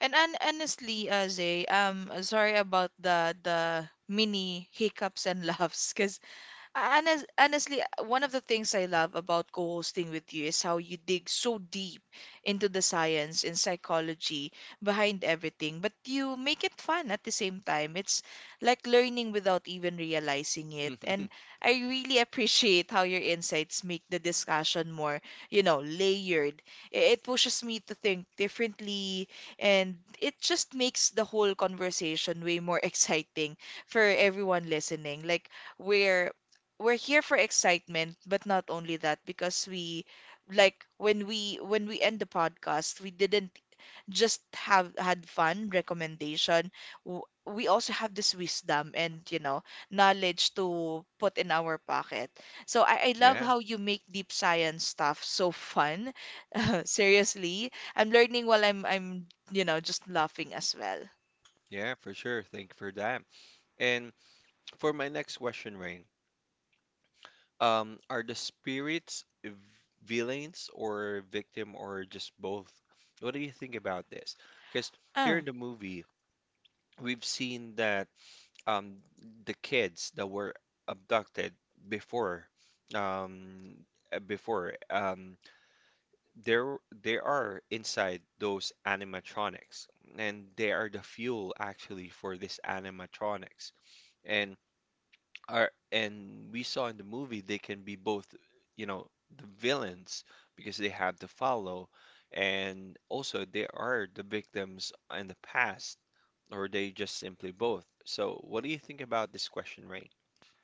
B: And honestly, Zay, sorry about the mini hiccups and laughs, cause. And as, honestly, one of the things I love about co-hosting with you is how you dig so deep into the science and psychology behind everything, but you make it fun at the same time. It's like learning without even realizing it. And I really appreciate how your insights make the discussion more, you know, layered. It pushes me to think differently, and it just makes the whole conversation way more exciting for everyone listening. Like, we're we're here for excitement, but not only that, because we like when we end the podcast, we didn't just have had fun recommendation. We also have this wisdom and knowledge to put in our pocket. So I love
A: yeah,
B: how you make deep science stuff so fun. Seriously, I'm learning while I'm just laughing as well.
A: yeah, for sure. Thank you for that. And for my next question, Rain, are the spirits villains or victim or just both? What do you think about this? Because here
B: Uh.
A: in the movie, we've seen that, um, the kids that were abducted before, um, uh, before um, there they are, inside those animatronics, and they are the fuel, actually, for this animatronics. And are and we saw in the movie they can be both, you know the villains, because they have to follow, and also they are the victims in the past, or they just simply both. So what do you think about this question, Ray?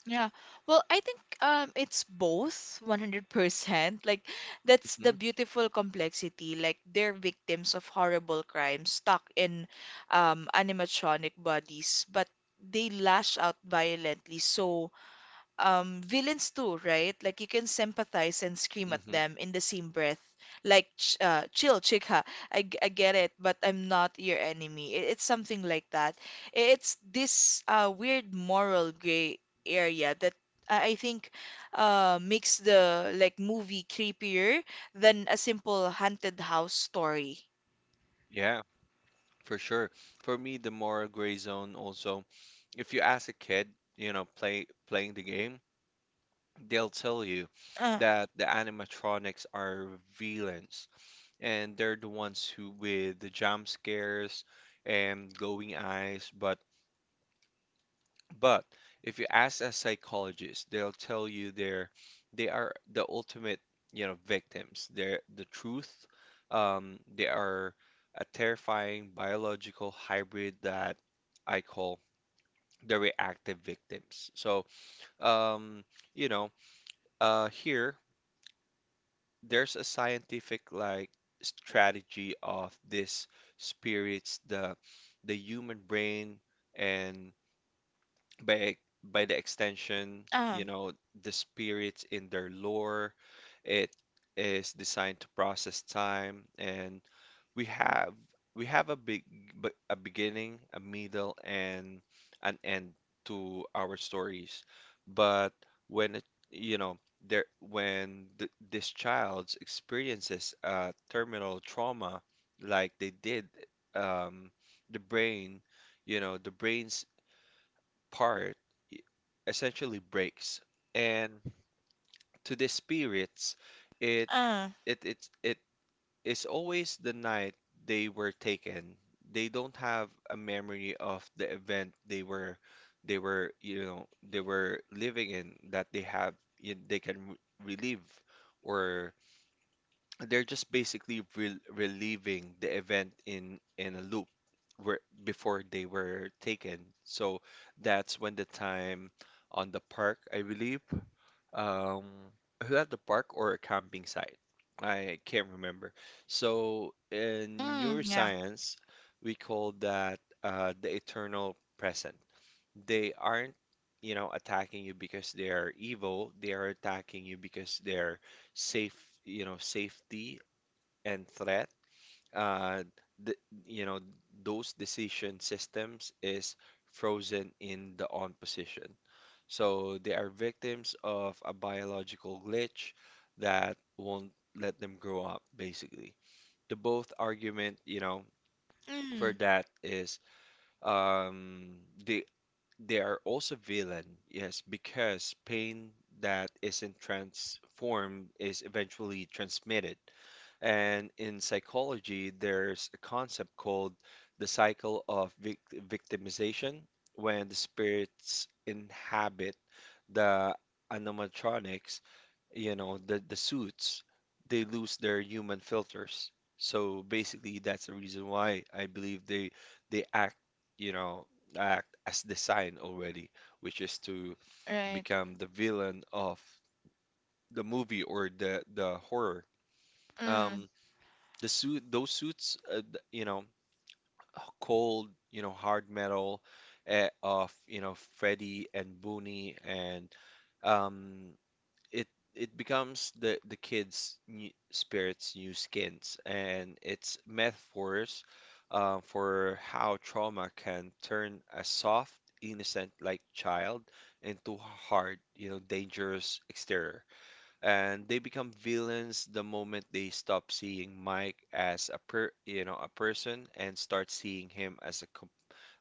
B: Yeah. Well, I think it's both 100%. Like that's the
A: Hmm.
B: beautiful complexity. Like they're victims of horrible crimes stuck in animatronic bodies, but they lash out violently. So villains too, right? Like you can sympathize and scream at
A: Hmm.
B: them in the same breath. Like ch chill, chika. I get it, but I'm not your enemy. It's something like that. It's this weird moral gray area that I think makes the like movie creepier than a simple haunted house story.
A: Yeah. For sure. For me, the moral gray zone also, if you ask a kid, you know, playing the game, they'll tell you
B: Uh,
A: that the animatronics are villains, and they're the ones who with the jump scares and glowing eyes. But but if you ask a psychologist, they'll tell you they are the ultimate, victims. They're the truth. They are a terrifying biological hybrid that I call the reactive victims. So, um, you know, here there's a scientific like strategy of this spirits, the human brain, and by by the extension,
B: uh,
A: you know, the spirits in their lore. It is designed to process time, and we have a big a beginning, a middle, and an end to our stories. But when it, you know there when th this child experiences a terminal trauma like they did, um, the brain, you know, the brain's part e- essentially breaks. And to the spirits, it
B: uh,
A: it is always the night they were taken. They don't have a memory of the event they were living in, that they have they can relive, or they're just basically reliving the event in a loop where before they were taken. So that's when the time on the park, I believe, um, was that the park or a camping site? I can't remember. So in
B: yeah.
A: neuroscience, we call that, the eternal present. They aren't, attacking you because they are evil. They are attacking you because they're safe, safety and threat. uh, th you know, those decision systems is frozen in the on position. So they are victims of a biological glitch that won't let them grow up, basically. The both argument, for
B: Mm,
A: that is, um, they they are also villain, yes, because pain that isn't transformed is eventually transmitted. And in psychology, there's a concept called the cycle of victimization. When the spirits inhabit the animatronics, the, suits, they lose their human filters. So basically, that's the reason why I believe they you know, act as designed already, which is to
B: right.
A: become the villain of the movie or the horror.
B: Mm,
A: Um, the suit those suits, you know cold, hard metal, of, Freddie and Booney, and um it it becomes the kids new, spirits' new skins, and it's metaphors, for how trauma can turn a soft, innocent like child into hard, dangerous exterior. And they become villains the moment they stop seeing Mike as a person and start seeing him as a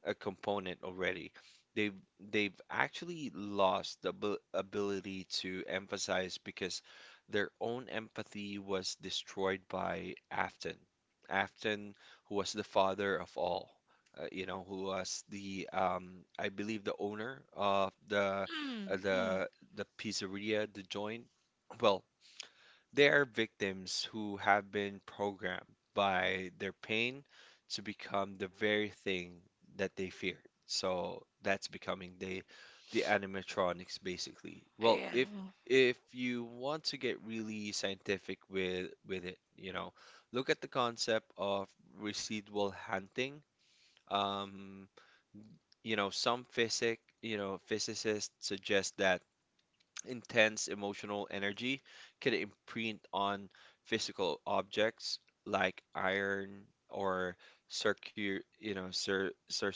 A: a component already. They've actually lost the ability to emphasize because their own empathy was destroyed by Afton. Afton, who was the father of all, who was the, I believe, the owner of the,
B: mm,
A: uh,
B: mm.
A: the the pizzeria, the joint. Well, they are victims who have been programmed by their pain to become the very thing that they fear. So that's becoming the animatronics basically. Well,
B: Yeah.
A: if you want to get really scientific with it, look at the concept of residual hunting. Um, some physicists suggest that intense emotional energy can imprint on physical objects like iron or circu you know, cir cir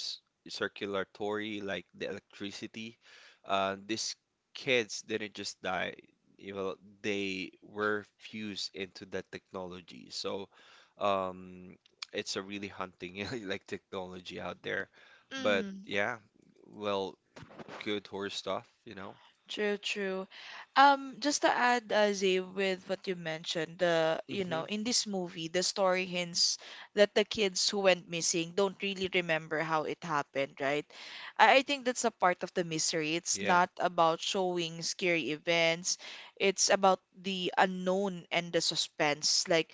A: circulatory like the electricity. These kids didn't just die, you know, they were fused into that technology. So, um, it's a really hunting like technology out there. But
B: Mm,
A: yeah, well, good horror stuff, you know.
B: true, true. Just to add, Zay, with what you mentioned, the you know,
A: Hmm.
B: in this movie, the story hints that the kids who went missing don't really remember how it happened, right? I think that's a part of the mystery. It's
A: Yeah.
B: not about showing scary events. It's about the unknown and the suspense. Like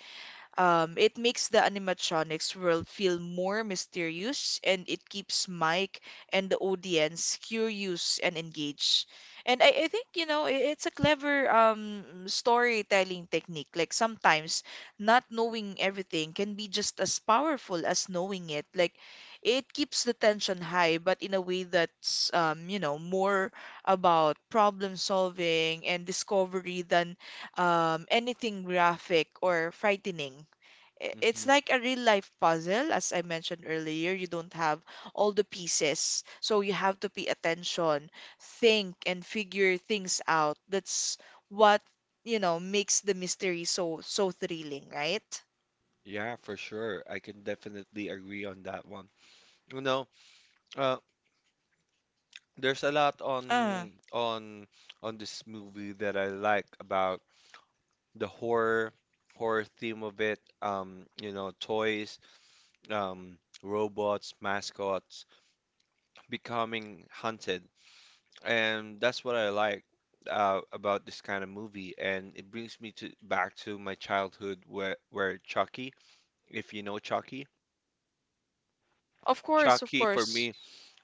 B: Um, It makes the animatronics world feel more mysterious and it keeps Mike and the audience curious and engaged. And I think, you know, it's a clever storytelling technique. Like sometimes not knowing everything can be just as powerful as knowing it. Like it keeps the tension high, but in a way that's, you know, more about problem solving and discovery than anything graphic or frightening. i-
A: Hmm.
B: it's like a real life puzzle as I mentioned earlier. You don't have all the pieces, so you have to pay attention, think and figure things out. That's what, you know, makes the mystery so so thrilling, right?
A: Yeah, for sure. I can definitely agree on that one. You know, uh, there's a lot
B: uh,
A: on this movie that I like about the horror theme of it. Toys, um, robots, mascots becoming hunted, and that's what I like, about this kind of movie. And it brings me to back to my childhood where Chucky, if you know Chucky.
B: of course, of
A: Chucky for
B: course.
A: me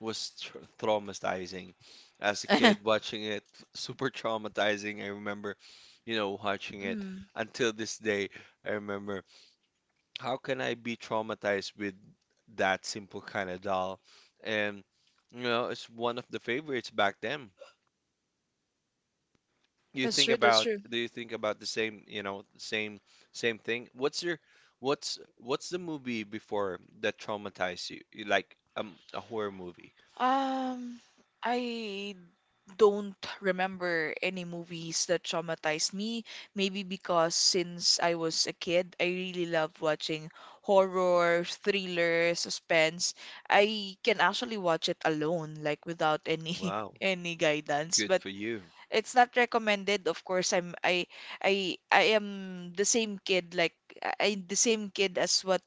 A: was tr traumatizing. As a kid, watching it, super traumatizing. I remember, watching it
B: mm,
A: until this day. I remember, how can I be traumatized with that simple kind of doll? And, it's one of the favorites back then. You
B: that's
A: think
B: true, that's
A: about,
B: true.
A: do you think about the same, thing? What's the movie before that traumatized you? Like, a horror movie.
B: Um i don't remember any movies that traumatized me. Maybe because since I was a kid, I really loved watching horror, thriller, suspense. I can actually watch it alone, like without any
A: Wow.
B: any guidance.
A: Good
B: But
A: for you.
B: it's not recommended. Of course, I'm I am the same kid like the same kid as what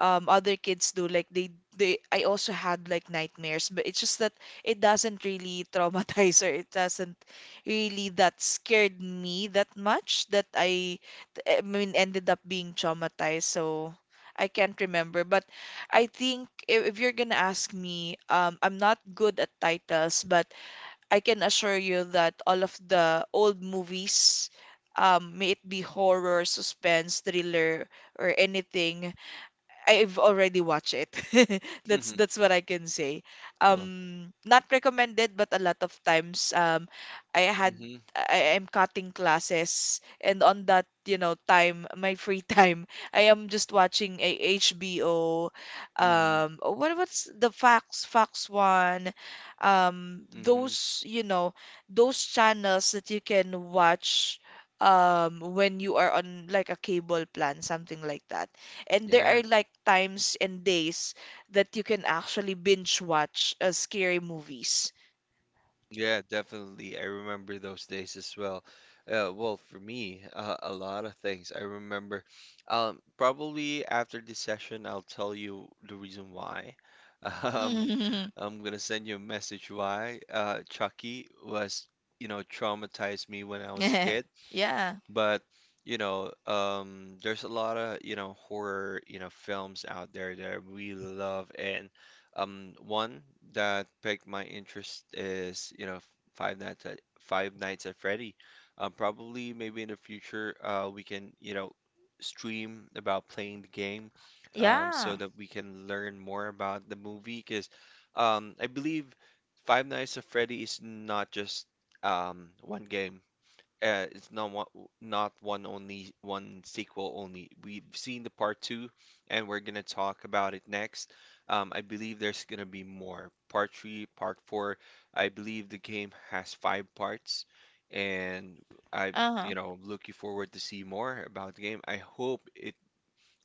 B: other kids do, like they I also had like nightmares, but it's just that it doesn't really traumatize, or it doesn't really that scared me that much that I mean ended up being traumatized. So I can't remember. But I think if you're gonna ask me, I'm not good at titles, but I can assure you that all of the old movies, may it be horror, suspense, thriller or anything, I've already watched it.
A: Mhm.
B: That's what I can say.
A: Well,
B: Not recommended, but a lot of times I had
A: hmm.
B: I am cutting classes, and on that, you know, time, my free time, I am just watching a HBO.
A: Hmm.
B: Oh, what what's the Fox one?
A: Hmm.
B: Those, you know, those channels that you can watch when you are on like a cable plan, something like that. And there
A: Yeah,
B: are like times and days that you can actually binge watch scary movies.
A: yeah, definitely. I remember those days as well. Well, for me, a lot of things. I remember, probably after this session, I'll tell you the reason why. Um, I'm gonna send you a message why. Chucky was, traumatized me when I was a kid.
B: Yeah.
A: But there's a lot of horror films out there that I really love, and one that piqued my interest is, Five Nights at Freddy. Probably maybe in the future, we can, stream about playing the game, so
B: Yeah.
A: that we can learn more about the movie. Because, I believe Five Nights at Freddy is not just one game. It's not one, not one only one sequel only. We've seen the part two, and we're gonna talk about it next. I believe there's gonna be more part three, part four. I believe the game has five parts, and I,
B: Uh-huh.
A: looking forward to see more about the game. I hope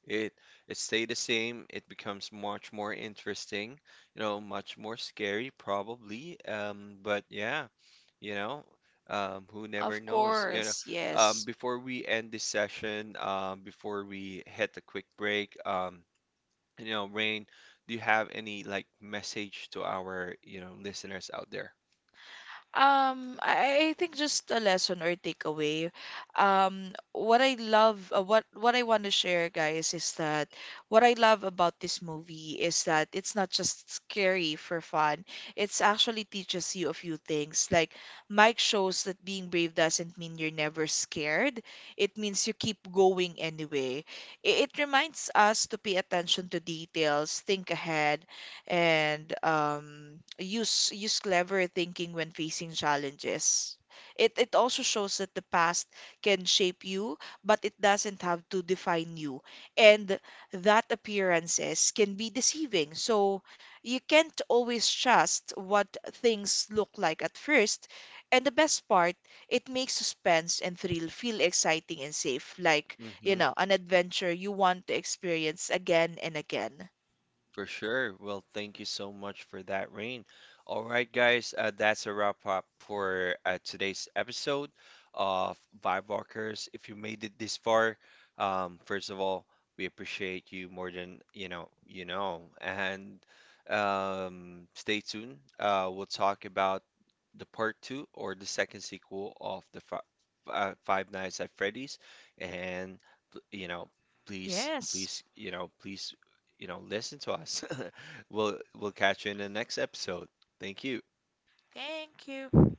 A: it it stay the same. It becomes much more interesting, much more scary probably. But yeah, you know who never
B: Of
A: knows,
B: course. Yes.
A: before we end this session, before we hit a quick break, Rain, do you have any like message to our listeners out there?
B: I think just a lesson or takeaway. What I love, what I want to share, guys, is that what I love about this movie is that it's not just scary for fun. It's actually teaches you a few things. Like Mike shows that being brave doesn't mean you're never scared. It means you keep going anyway. It reminds us to pay attention to details, think ahead, and use clever thinking when facing challenges. It also shows that the past can shape you, but it doesn't have to define you. And that appearances can be deceiving. So you can't always trust what things look like at first. And the best part, it makes suspense and thrill feel exciting and safe, like, you know, an adventure you want to experience again and again.
A: For sure. Well, thank you so much for that, Rain. All right, guys, that's a wrap up for today's episode of Vibe Walkers. If you made it this far, first of all, we appreciate you more than you know, and stay tuned. We'll talk about the part two or the second sequel of the fi Five Nights at Freddy's, and you know, please,
B: Yes.
A: please, please listen to us. We'll catch you in the next episode. Thank you.
B: Thank you.